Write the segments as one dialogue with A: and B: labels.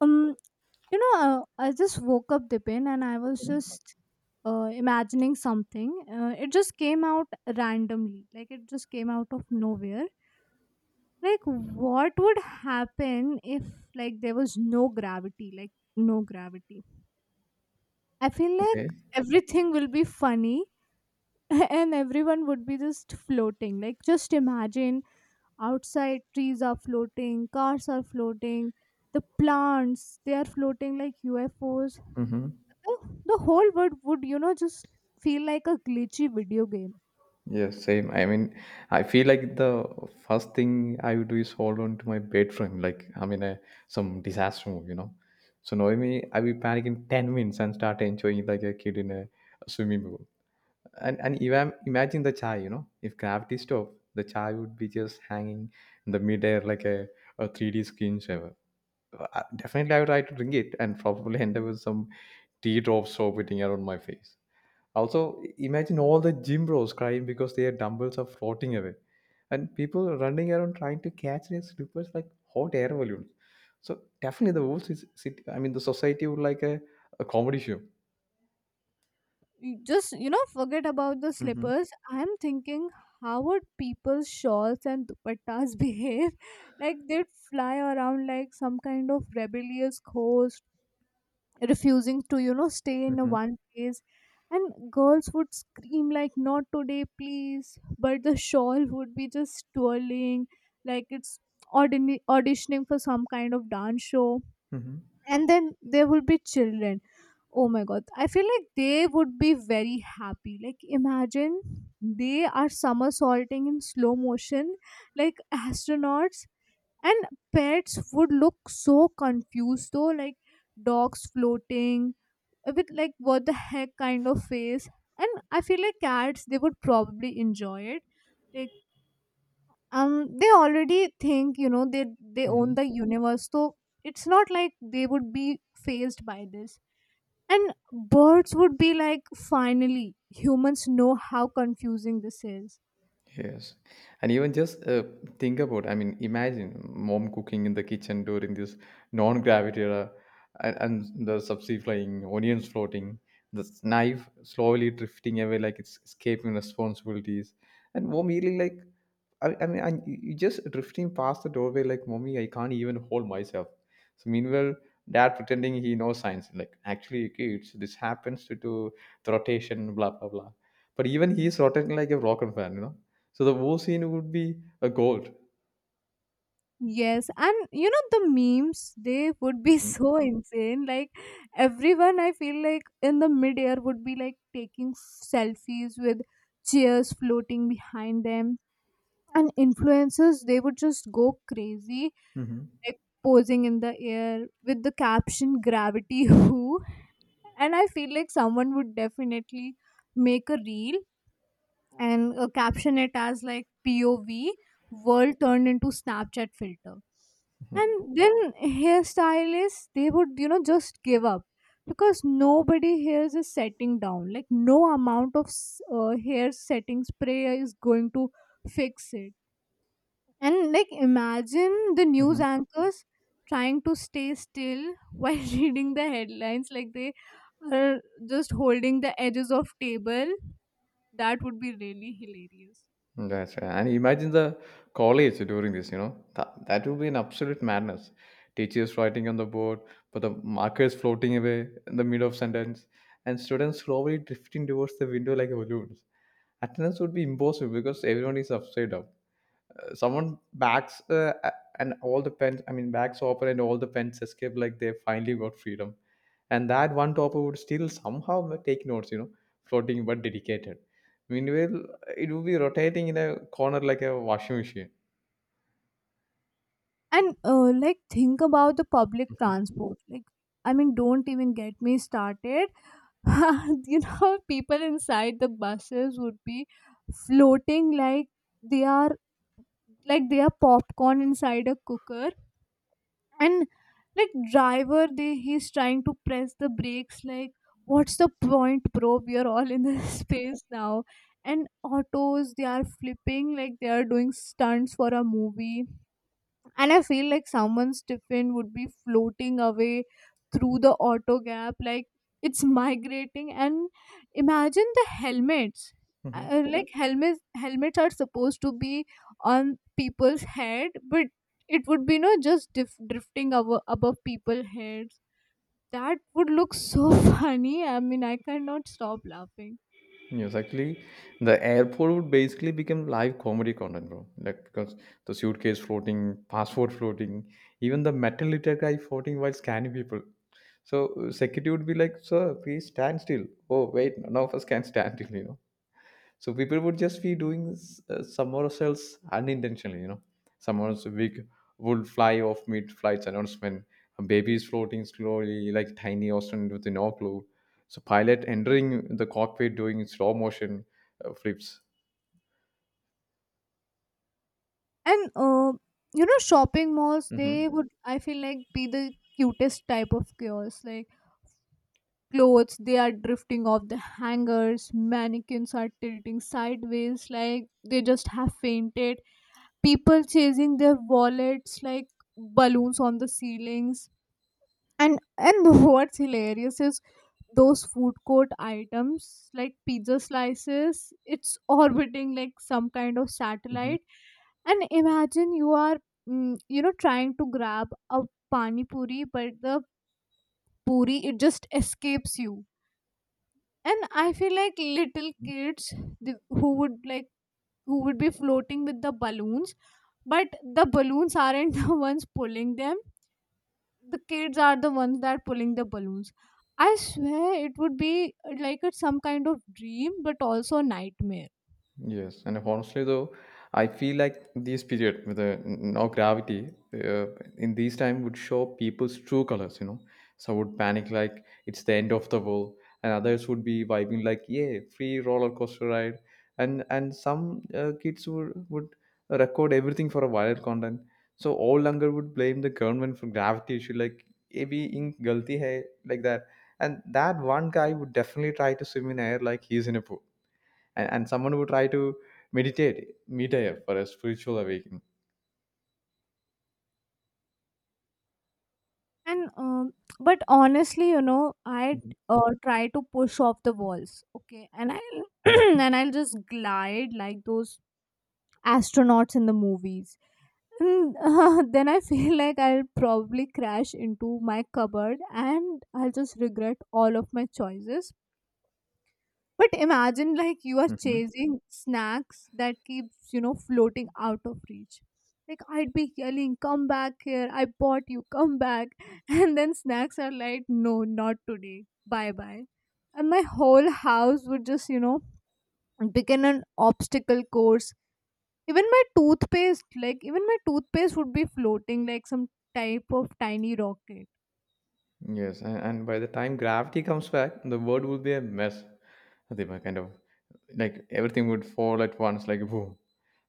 A: Um, I just woke up, Dipin, and I was
B: Mhm.
A: just imagining something. It just came out randomly, like it just came out of nowhere. Like, what would happen if like there was no gravity? Like, no gravity. I feel like
B: Okay.
A: everything will be funny, and everyone would be just floating. Like, just imagine outside trees are floating, cars are floating, the plants they are floating like UFOs.
B: Mm-hmm.
A: The the whole world would, you know, just feel like a glitchy video game.
B: Yeah, same. I feel like the first thing I would do is hold on to my bed frame, like I'm in a some disaster move, you know. So knowing me, I will panic in 10 minutes and start enjoying like a kid in a swimming pool. And even imagine the chai, you know, if gravity stopped, the chai would be just hanging in the midair like a 3D screensaver. Definitely, I would try to drink it and probably end up with some teardrops orbiting around my face. Also, imagine all the gym bros crying because their dumbbells are floating away, and people running around trying to catch their slippers like hot air balloons. So definitely, the whole city, I mean, the society would like a comedy show.
A: You just, you know, forget about the
B: Mm-hmm.
A: slippers. I'm thinking how would people's shawls and dupattas behave, like they'd fly around like some kind of rebellious ghost refusing to, you know, stay in a
B: Mm-hmm.
A: one place. And girls would scream like, not today please, but the shawl would be just twirling like it's auditioning for some kind of dance show.
B: Mm-hmm.
A: And then there will be children. Oh my god, I feel like they would be very happy. Like imagine they are somersaulting in slow motion like astronauts. And pets would look so confused though, like dogs floating, with like what the heck kind of face. And I feel like cats they would probably enjoy it. Like they already think, you know, they own the universe, so it's not like they would be phased by this. And birds would be like, finally humans know how confusing this is.
B: Yes. And even just think about, I mean, imagine mom cooking in the kitchen during this non-gravity era and, and the subsea flying, onions floating, the knife slowly drifting away like it's escaping responsibilities. And mom really like, and you just drifting past the doorway like, mommy, I can't even hold myself. So meanwhile, dad pretending he knows science, like actually kids, this happens due to the rotation, blah blah blah. But even he's rotating like a rocket fan, you know. So the war scene would be a gold.
A: Yes, and you know the memes they would be so insane. Like everyone, I feel like in the midair would be like taking selfies with chairs floating behind them. And influencers they would just go crazy,
B: Mm-hmm.
A: like posing in the air with the caption, gravity who? And I feel like someone would definitely make a reel and caption it as like, pov, world turned into snapchat filter. And then hairstylists they would, you know, just give up because nobody here is setting down. Like no amount of hair setting spray is going to fix it. And like imagine the news
B: Hmm.
A: anchors trying to stay still while reading the headlines like they are just holding the edges of table. That would be really hilarious.
B: That's right. And imagine the college during this, you know, that would be an absolute madness. Teachers writing on the board, but the markers floating away in the middle of sentence, and students slowly drifting towards the window like balloons. Attendance would be impossible because everyone is upside down. Uh, someone backs uh, a- and all the pens, I mean, backs Hopper and all the pens escape like they finally got freedom. And that one topper would still somehow take notes, you know, floating but dedicated. Meanwhile, it would be rotating in a corner like a washing machine.
A: And like think about the public
B: Mhm.
A: transport. Like I mean don't even get me started. You know people inside the buses would be floating like they are, like they are popcorn inside a cooker. And like driver they, he's trying to press the brakes like, what's the point bro, we are all in this space now. And autos they are flipping like they are doing stunts for a movie. And I feel like someone's tiffin would be floating away through the auto gap like it's migrating. And imagine the helmets.
B: Mhm.
A: Like helmets are supposed to be on people's head, but it would be no, just drifting above, above people's heads. That would look so funny. I mean I cannot stop laughing.
B: Yes, actually, the airport would basically become live comedy content, bro. Like because the suitcase floating, passport floating, even the metal litter guy floating while scanning people. So security would be like, sir, please stand still. Oh, wait, now first can stand still, you know. So people would just be doing somersaults else unintentionally, you know. Someone's wig would fly off mid-flight announcement. A baby is floating slowly like tiny Austin with no clue. So pilot entering the cockpit doing slow motion flips.
A: And you know shopping malls
B: Mm-hmm.
A: they would, I feel like, be the cutest type of chaos. Like clothes they are drifting off the hangers, mannequins are tilting sideways like they just have fainted, people chasing their wallets like balloons on the ceilings. And what's hilarious is those food court items, like pizza slices, it's orbiting like some kind of
B: Mm-hmm.
A: satellite. And imagine you are, you know, trying to grab a pani puri, but the puri it just escapes you. And I feel like little kids who would like, who would be floating with the balloons, but the balloons aren't the ones pulling them, the kids are the ones that pulling the balloons. I swear it would be like it's some kind of dream but also nightmare.
B: Yes, and honestly, though, I feel like this period with no gravity in these time would show people's true colors. You know, some would panic like it's the end of the world, and others would be vibing like yeah, free roller coaster ride, and some kids would record everything for a viral content. So all longer would blame the government for gravity issue like ये भी ink galti hai like that, and that one guy would definitely try to swim in air like he's in a pool and someone who try to meditate mid-air for a spiritual awakening.
A: And but honestly, you know, I
B: Mhm.
A: try to push off the walls, okay, and I'll and I'll just glide like those astronauts in the movies. And then I feel like I'll probably crash into my cupboard and I'll just regret all of my choices. But imagine like you are
B: Mhm.
A: chasing snacks that keeps, you know, floating out of reach. Like I'd be yelling, come back here, I bought you, come back. And then snacks are like, no, not today. Bye bye. And my whole house would just, you know, begin an obstacle course. Even my toothpaste, like even my toothpaste would be floating like some type of tiny rocket.
B: Yes, and by the time gravity comes back, the world will be a mess. Adiba, kind of like everything would fall at once like boom,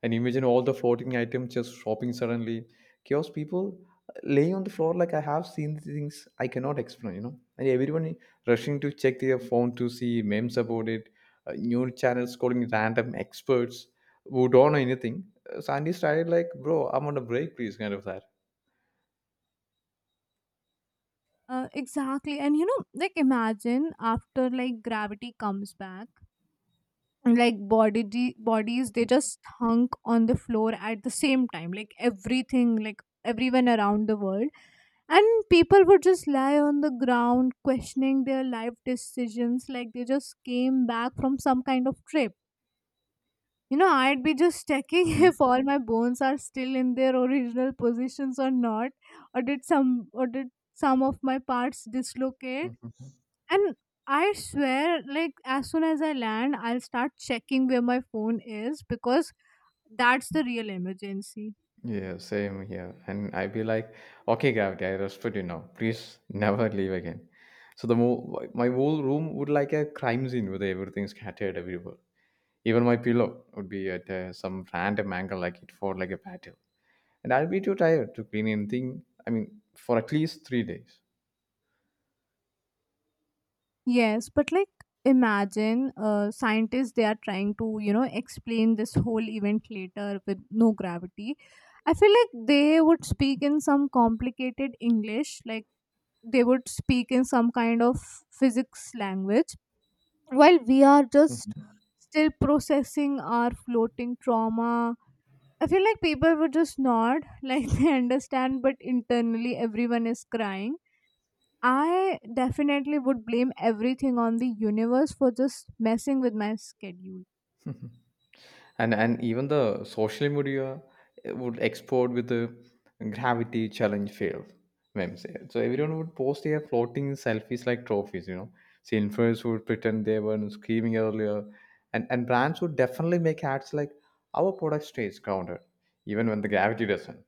B: and imagine all the floating items just dropping suddenly, chaos people, laying on the floor like I have seen things I cannot explain, you know, and everyone rushing to check their phone to see memes about it. New channels calling random experts who don't know anything. Sandy started like bro I'm on a break please kind of that.
A: Exactly. And you know, like imagine after like gravity comes back, like bodies they just hunk on the floor at the same time, like everything, like everyone around the world. And people would just lie on the ground questioning their life decisions like they just came back from some kind of trip. You know, I'd be just checking
B: Mhm.
A: if all my bones are still in their original positions or not, or did some of my parts dislocate.
B: Mhm.
A: And I swear, like as soon as I land, I'll start checking where my phone is because that's the real emergency.
B: Yeah, same here. And I'd be like, okay, gravity, I respect you now. Please never leave again. So the my whole room would like a crime scene with everything scattered everywhere. Even my pillow would be at some random angle, like it for like a battle. And I'll be too tired to clean anything. I mean, for at least 3 days.
A: Yes, but like imagine scientists they are trying to, you know, explain this whole event later with no gravity. I feel like they would speak in some complicated English, like they would speak in some kind of physics language while we are just still processing our floating trauma. I feel like people would just nod like they understand but internally everyone is crying. I definitely would blame everything on the universe for just messing with my schedule.
B: And even the social media would explode with the gravity challenge fail memes. So everyone would post their floating selfies like trophies, you know. So influencers would pretend they were screaming earlier, and brands would definitely make ads like our product stays grounded even when the gravity doesn't.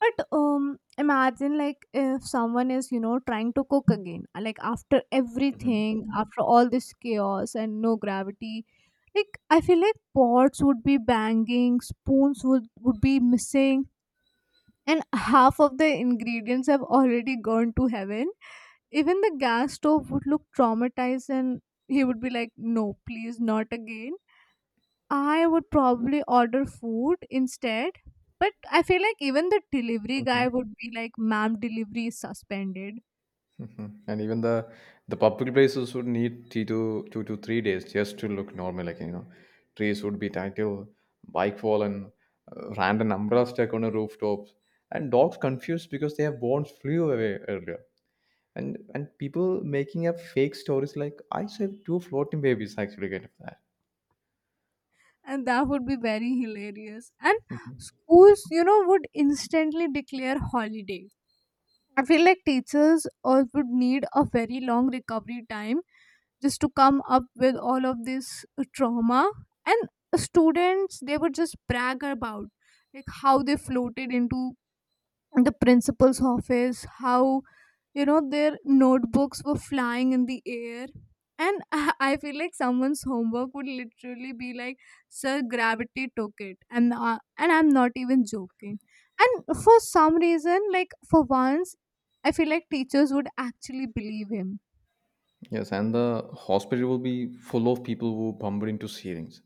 A: But imagine like if someone is, you know, trying to cook again, like after
B: Mhm.
A: everything, after all this chaos and no gravity, like I feel like pots would be banging, spoons would be missing, and half of the ingredients have already gone to heaven. Even the gas stove would look traumatized, and he would be like, "No, please, not again." I would probably order food instead. But I feel like even the delivery guy
B: Mhm.
A: would be like, ma'am, delivery is suspended.
B: Mhm. And even the public places would need two to three days just to look normal. Like you know, trees would be tangled, bike fallen, random umbrella stuck on the rooftops, and dogs confused because their bones flew away earlier. And people making up fake stories like I saved two floating babies actually get that.
A: And that would be very hilarious. And schools, you know, would instantly declare holiday. I feel like teachers all would need a very long recovery time just to come up with all of this trauma. And students, they would just brag about like how they floated into the principal's office, how, you know, their notebooks were flying in the air. And I feel like someone's homework would literally be like, sir gravity took it, and I'm not even joking. And for some reason, like for once I feel like teachers would actually believe him.
B: Yes, and the hospital will be full of people who bumble into ceilings.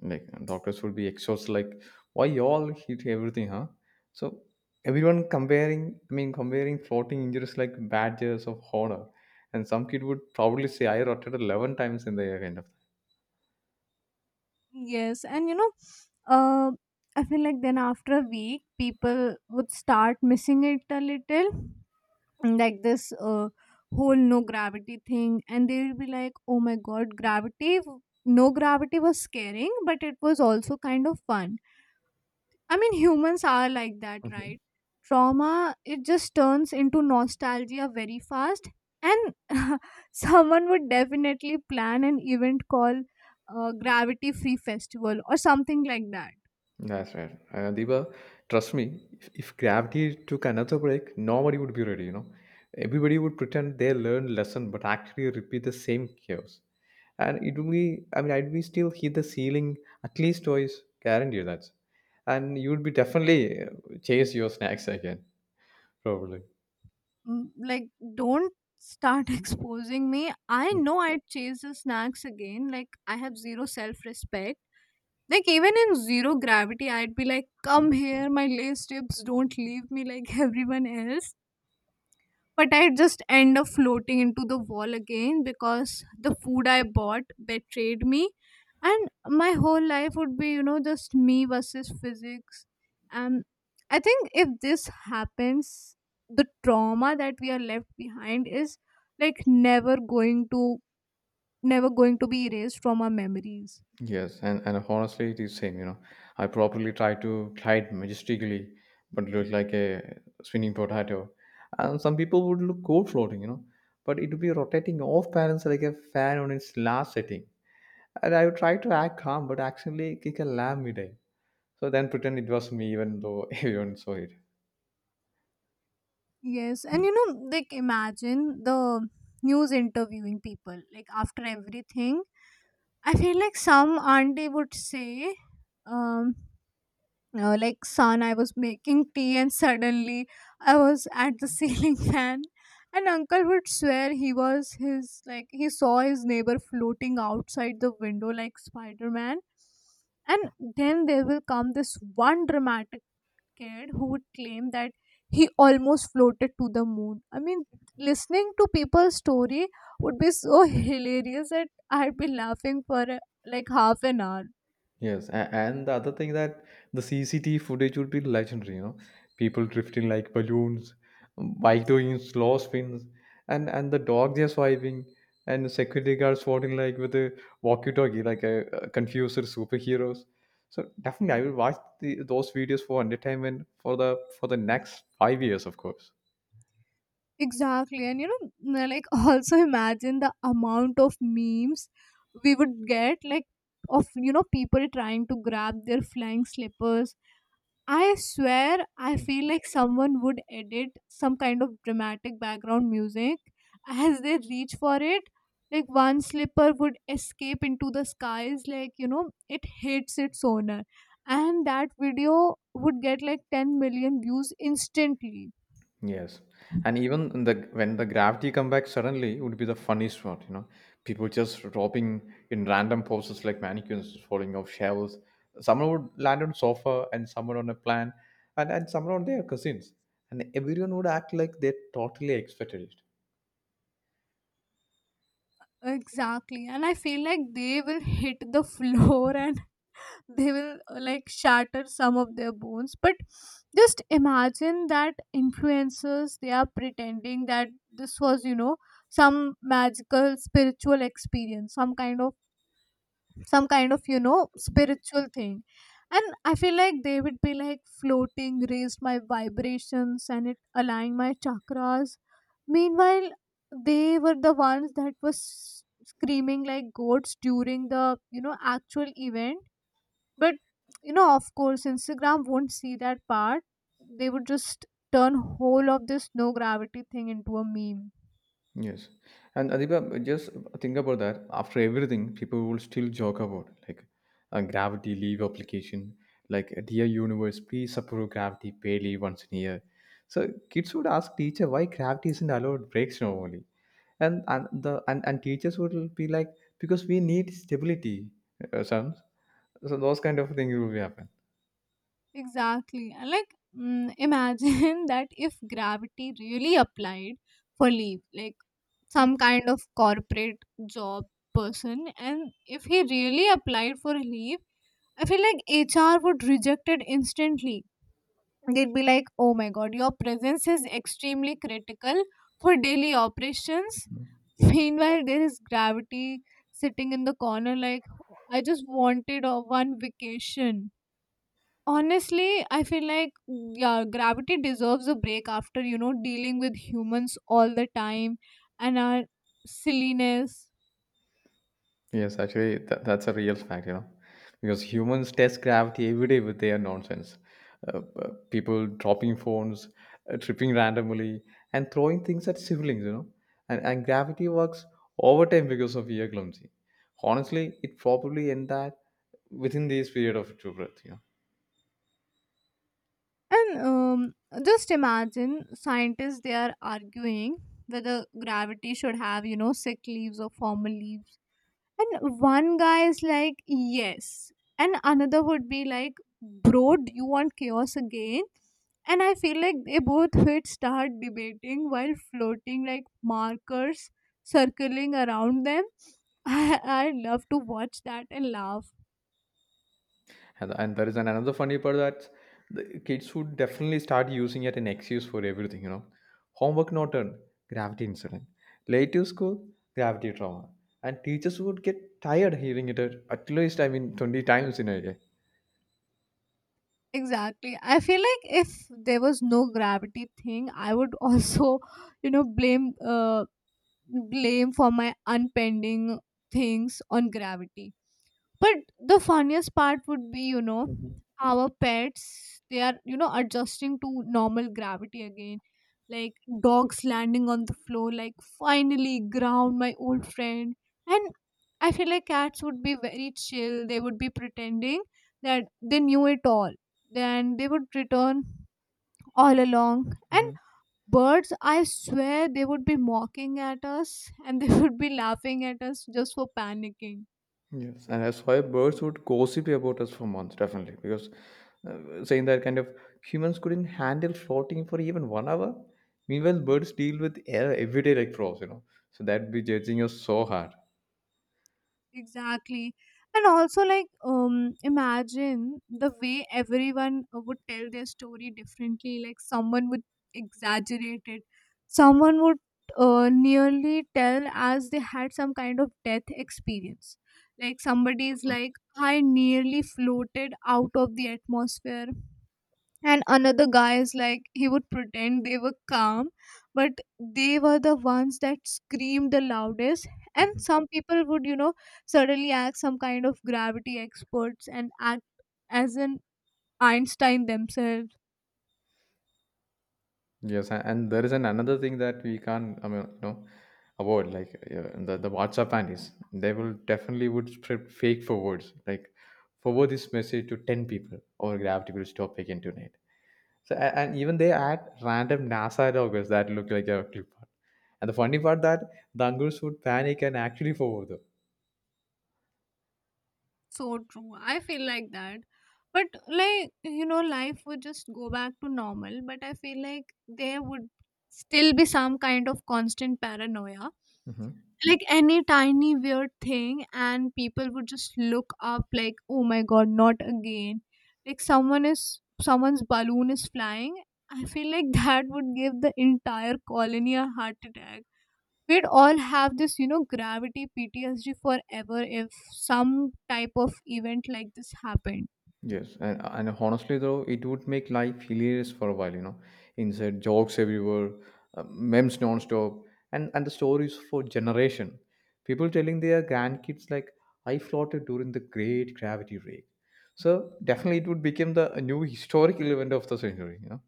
B: Like doctors will be exhausted, like, why y'all hit everything, huh? So everyone comparing floating injuries like badges of honor, and some kid would probably say, I rotted 11 times in the air, kind
A: Yes, and you know, uh, I feel like then after a week people would start missing it a little, like this, whole no gravity thing, and they will be like, oh my god, gravity, no gravity was scaring but it was also kind of fun. I mean humans are like that,
B: of.
A: right? Trauma it just turns into nostalgia very fast. And someone would definitely plan an event called, gravity free festival or something like that.
B: That's right. Diba, trust me, if gravity took another break, nobody would be ready, you know. Everybody would pretend they learned lesson but actually repeat the same chaos. And it would be I mean I'd be still hit the ceiling at least twice, guarantee you that. And you would be definitely chase your snacks again, probably.
A: Mm, like don't start exposing me, I know I'd chase the snacks again like I have zero self-respect. Like even in zero gravity I'd be like, come
B: Mhm.
A: here my lace tips, don't leave me like everyone else. But I just end up floating into the wall again because the food I bought betrayed me. And my whole life would be, you know, just me versus physics. Um, I think if this happens, the trauma that we are left behind is like never going to be erased from our memories.
B: Yes, and honestly, it is same. You know, I properly try to glide majestically, but look like a spinning potato. And some people would look cool floating, you know, but it would be rotating off balance like a fan on its last setting. And I would try to act calm, but actually kick a lamb midday. So then pretend it was me, even though everyone saw it.
A: Yes, and you know, like imagine the news interviewing people like after everything. I feel like some auntie would say, um, like, son, I was making tea and suddenly I was at the ceiling fan. And uncle would swear like, he saw his neighbor floating outside the window like Spider Man. And then there will come this one dramatic kid who would claim that he almost floated to the moon. I mean, listening to people's story would be so hilarious that I'd be laughing for like half an hour.
B: Yes, and the other thing that the CCTV footage would be legendary, you know, people drifting like balloons, bike doing slow spins, and the dog just swiping, and the security guards swatting like with a walkie-talkie, like a confused superheroes. So definitely, I will watch those videos for entertainment for the next 5 years, of course.
A: Exactly. And you know, like also imagine the amount of memes we would get, like of, you know, people trying to grab their flying slippers. I swear, I
B: Hmm.
A: feel like someone would edit some kind of dramatic background music as they reach for it. Like one slipper would escape into the skies, like you know, it hits its owner, and that video would get like 10 million views instantly.
B: Yes, and even the when the gravity come back suddenly would be the funniest one. You know, people just dropping in random poses like mannequins falling off shelves. Someone would land on sofa, and someone on a plant, and someone on their cousins, and everyone would act like they totally expected it.
A: Exactly, and I feel like they will hit the floor and they will like shatter some of their bones. But just imagine that influencers, they are pretending that this was some magical spiritual experience, some kind of spiritual thing. And I feel like they would be like, floating raised my vibrations and it aligned my chakras. Meanwhile, they were the ones that was screaming like goats during the actual event. But of course, Instagram won't see that part. They would just turn whole of this no gravity thing into a meme.
B: Yes. And Adiba, just think about that. After everything, people will still joke about like a gravity leave application, like dear universe, please approve gravity pay leave once in a year. So kids would ask teacher why gravity isn't allowed breaks normally. And teachers would be like, because we need stability, sons. So those kind of things will be happen.
A: Exactly. And like, imagine that if gravity really applied for Leaf, like some kind of corporate job person, and if he really applied for leave, I feel like HR would reject it instantly. They'd be like, oh my god, your presence is extremely critical for daily operations. Meanwhile, there is gravity sitting in the corner, like, I just wanted a one vacation. Honestly, I feel like, yeah, gravity deserves a break after, dealing with humans all the time and our silliness.
B: Yes, actually, that's a real fact, you know, because humans test gravity every day with their nonsense. People dropping phones, tripping randomly, and throwing things at siblings, you know. And gravity works overtime because of we are clumsy. Honestly, it probably end that within this period of true breath, you know.
A: And just imagine scientists, they are arguing whether gravity should have, sick leaves or formal leaves. And one guy is like, yes. And another would be like, bro, do you want chaos again? And I feel like they both would start debating while floating like markers circling around them. I love to watch that and laugh.
B: And there is another funny part that the kids would definitely start using it an excuse for everything, you know. Homework not done, gravity incident. Late to school, gravity trauma. And teachers would get tired hearing it at least, I mean, 20 times in a day.
A: Exactly. I feel like if there was no gravity thing, I would also, blame blame for my unpending things on gravity. But the funniest part would be,
B: Hmm.
A: our pets, they are, adjusting to normal gravity again. Like dogs landing on the floor, like finally ground my old friend. And I feel like cats would be very chill. They would be pretending that they knew it all. Then they would return all along. And
B: Hmm.
A: birds, I swear, they would be mocking at us and they would be laughing at us just for panicking.
B: Yes. And that's why birds would gossip about us for months, definitely. Because saying that kind of humans couldn't handle floating for even 1 hour. Meanwhile, birds deal with air every day like frogs, you know. So that'd be judging us so hard.
A: Exactly. And also, like, imagine the way everyone would tell their story differently. Like, someone would exaggerate it, someone would nearly tell as they had some kind of death experience. Like, somebody is like, I nearly floated out of the atmosphere, and another guy is like he would pretend they were calm, but they were the ones that screamed the loudest. And some people would, suddenly act some kind of gravity experts and act as an Einstein themselves.
B: Yes, and there is an another thing that we can't, I mean, you know, avoid like the WhatsApp panties. They will definitely would spread fake forwards, like forward this message to 10 people, or gravity will stop again tonight. So and even they add random NASA logos that look like a clip art. And the funny part that the uncles would panic and actually forward
A: So true. I feel like that. But like, life would just go back to normal. But I feel like there would still be some kind of constant paranoia,
B: them.
A: like any tiny weird thing and people would just look up like, oh my god, not again. Like someone's balloon is flying. I feel like that would give the entire colony a heart attack. We'd all have this, gravity PTSD forever if some type of event like this happened.
B: Yes, and honestly though, it would make life hilarious for a while, you know. Insert jokes everywhere, memes nonstop, and the stories for generation. People telling their grandkids like, "I floated during the Great Gravity Wave." So definitely, it would become the a new historical event of the century, you know.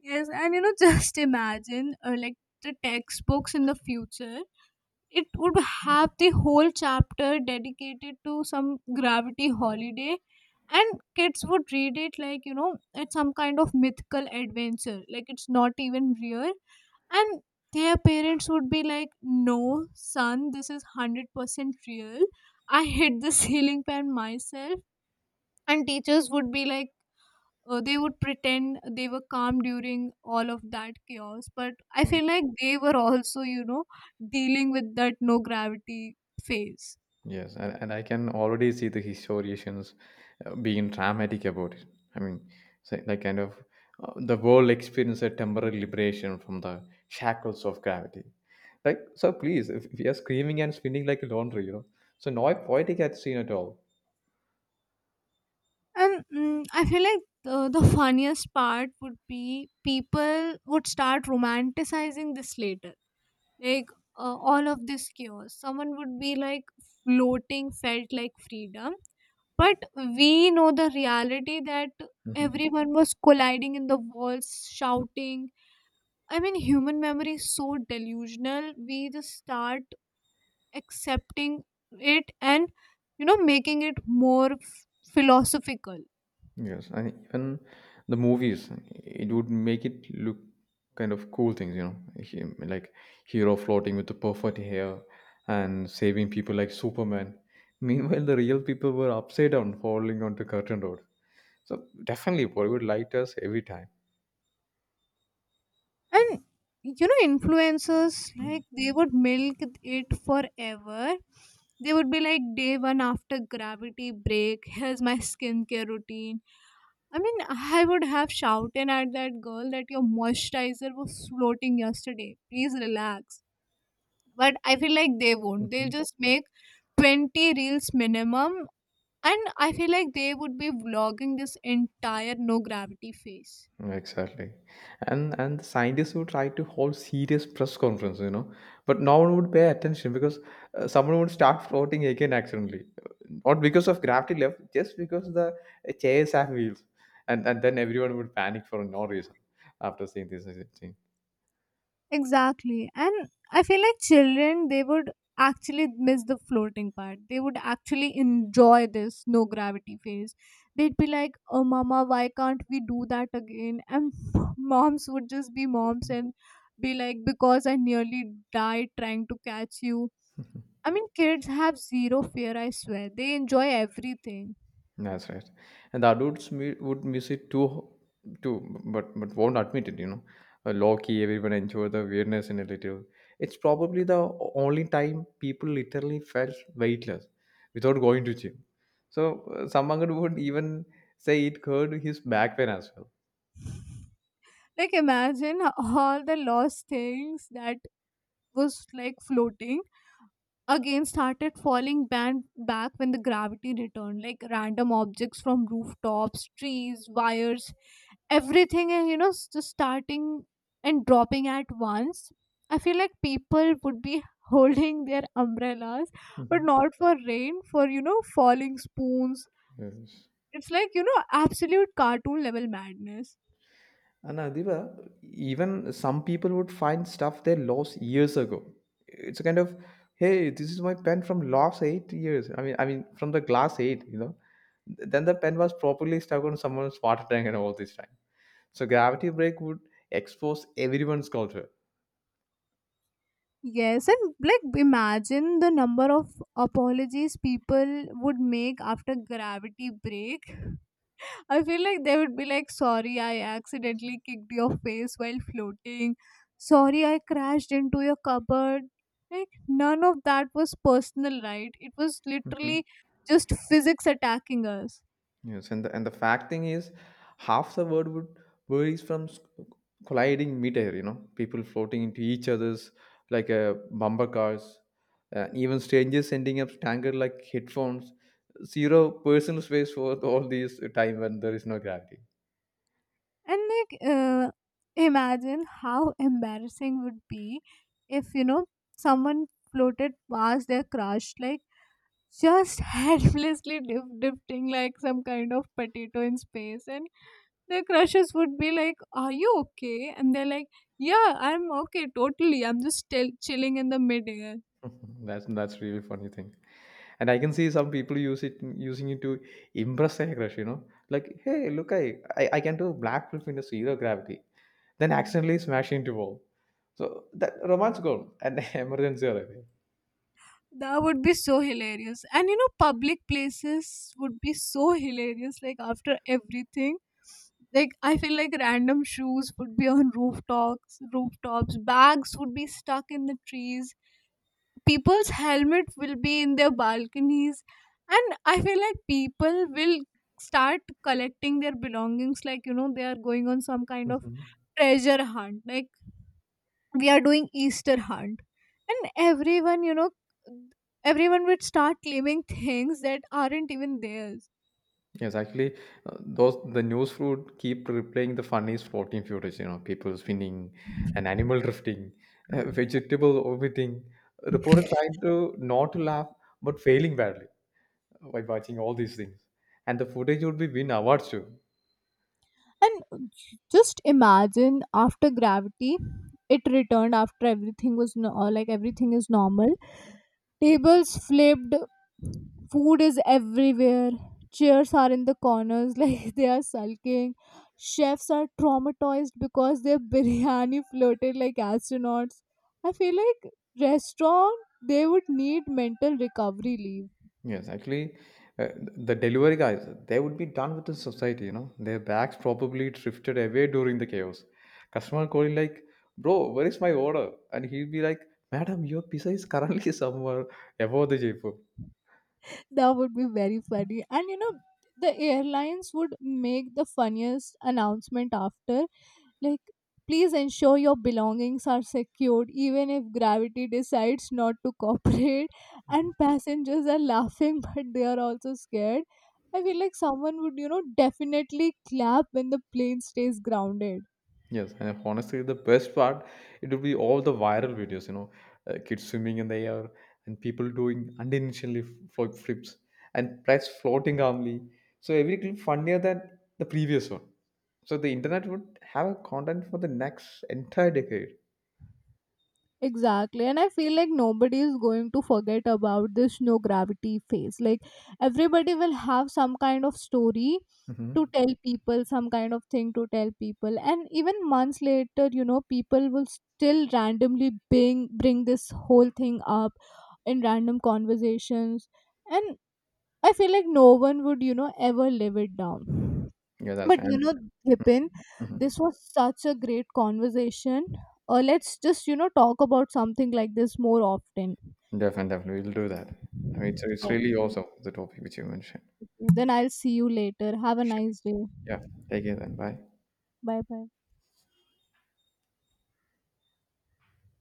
A: Yes, and just imagine, like the textbooks in the future. It would have the whole chapter dedicated to some gravity holiday, and kids would read it like, it's some kind of mythical adventure, like it's not even real. And their parents would be like, no son, this is 100% real. I hit the ceiling fan myself. And teachers would be like, they would pretend they were calm during all of that chaos. But I feel like they were also, dealing with that no gravity phase.
B: Yes, and I can already see the historians being dramatic about it. I mean, so like kind of the world experienced a temporary liberation from the shackles of gravity. Like, so please, if we are screaming and spinning like a laundry, you know, so no poetic at scene at all.
A: And I feel like the funniest part would be people would start romanticizing this later. Like, all of this chaos, someone would be like, floating felt like freedom. But we know the reality that everyone was colliding in the walls, shouting. I mean, human memory is so delusional. We just start accepting it and, making it more philosophical.
B: Yes, and even the movies, it would make it look kind of cool things, you know, him, like hero floating with the perfect hair and saving people like Superman. Meanwhile, the real people were upside down falling onto Curtain Road. So definitely Bollywood liked us every time.
A: And, influencers, like, they would milk it forever. They would be like, day one after gravity break, here's my skincare routine. I mean, I would have shouted at that girl that your moisturizer was floating yesterday. Please relax. But I feel like they won't. They'll
B: Mhm.
A: just make 20 reels minimum, and I feel like they would be vlogging this entire no gravity phase.
B: Exactly, and the scientists would try to hold serious press conference, you know, but no one would pay attention because someone would start floating again accidentally, not because of gravity left, just because the chairs have wheels, and then everyone would panic for no reason after seeing this.
A: Exactly. And I feel like children, they would actually miss the floating part. They would actually enjoy this no gravity phase. They'd be like, oh, mama, why can't we do that again? And moms would just be moms and be like, because I nearly died trying to catch you. I mean, kids have zero fear, I swear. They enjoy everything.
B: That's right. And the adults would miss it too, but won't admit it. You know, Loki, everyone enjoy the weirdness in a little. It's probably the only time people literally felt weightless without going to gym. So Samangan would even say it hurt his back pain as well.
A: Like, imagine all the lost things that was like floating again started falling back when the gravity returned. Like, random objects from rooftops, trees, wires, everything, and just starting and dropping at once. I feel like people would be holding their umbrellas, but
B: Mhm.
A: not for rain, for falling spoons.
B: Yes.
A: It's like, absolute cartoon level madness.
B: And Adiba, even some people would find stuff they lost years ago. It's a kind of, hey, this is my pen from last 8 years. From the glass eight, you know. Then the pen was properly stuck on someone's water tank and all this time. So gravity break would expose everyone's culture.
A: Yes, and like imagine the number of apologies people would make after gravity break. I feel like they would be like, sorry, I accidentally kicked your face while floating. Sorry, I crashed into your cupboard. Like, none of that was personal, right? It was literally just physics attacking us.
B: Yes, and the fact thing is, half the world would worries from colliding midair. You know, people floating into each other's like bumper cars, even strangers ending up tangled like headphones. Zero personal space for all these time when there is no gravity.
A: And like, imagine how embarrassing would be if someone floated past their crush, like just helplessly drifting like some kind of potato in space. And their crushes would be like, are you okay, and they're like, yeah, I'm okay, totally, I'm just still chilling in the midair.
B: That's that's really funny thing, and I can see some people use it using it to impress a crush. You know, like hey, look, I can do black flip into zero gravity, then accidentally smash into wall. So that romance gone and emergency arriving.
A: That would be so hilarious. And public places would be so hilarious, like after everything. Like I feel like random shoes would be on rooftops, Bags would be stuck in the trees. People's helmet will be in their balconies, and I feel like people will start collecting their belongings. Like they are going on some kind of
B: Mhm.
A: treasure hunt. Like we are doing Easter hunt, and everyone would start claiming things that aren't even theirs.
B: Yes, actually, those the news feed keep replaying the funniest floating footage. You know, people spinning, an animal drifting, a vegetable orbiting. Reporter trying to not to laugh but failing badly by watching all these things, and the footage would be win awards too.
A: And just imagine after gravity, it returned after everything was like everything is normal. Tables flipped, food is everywhere, chairs are in the corners like they are sulking. Chefs are traumatized because their biryani floated like astronauts. I feel like restaurant they would need mental recovery leave.
B: Yes, actually, uh, the delivery guys, they would be done with the society, you know. Their bags probably drifted away during the chaos. Customer calling like, bro, where is my order? And he'll be like, madam, your pizza is currently somewhere above the Jaipur.
A: That would be very funny. And the airlines would make the funniest announcement after, like, please ensure your belongings are secured even if gravity decides not to cooperate. And passengers are laughing but they are also scared. I feel like someone would, definitely clap when the plane stays grounded.
B: Yes, and honestly, the best part it would be all the viral videos. You know, kids swimming in the air and people doing unintentionally flip flips and plants floating calmly. So every clip funnier than the previous one. So the internet would have a content for the next entire decade.
A: Exactly. And I feel like nobody is going to forget about this no gravity phase. Like everybody will have some kind of story to
B: Hmm.
A: tell people, some kind of thing to tell people. And even months later, people will still randomly bring this whole thing up in random conversations. And I feel like no one would, ever live it down.
B: Yeah, that's
A: But
B: right.
A: Vipin,
B: Mhm.
A: this was such a great conversation. Let's just, talk about something like this more often.
B: Definitely, definitely, we'll do that. I mean, it's really
A: Okay.
B: awesome the topic which you mentioned.
A: Then I'll see you later. Have a
B: Sure.
A: nice day.
B: Yeah, take it then. Bye.
A: Bye bye.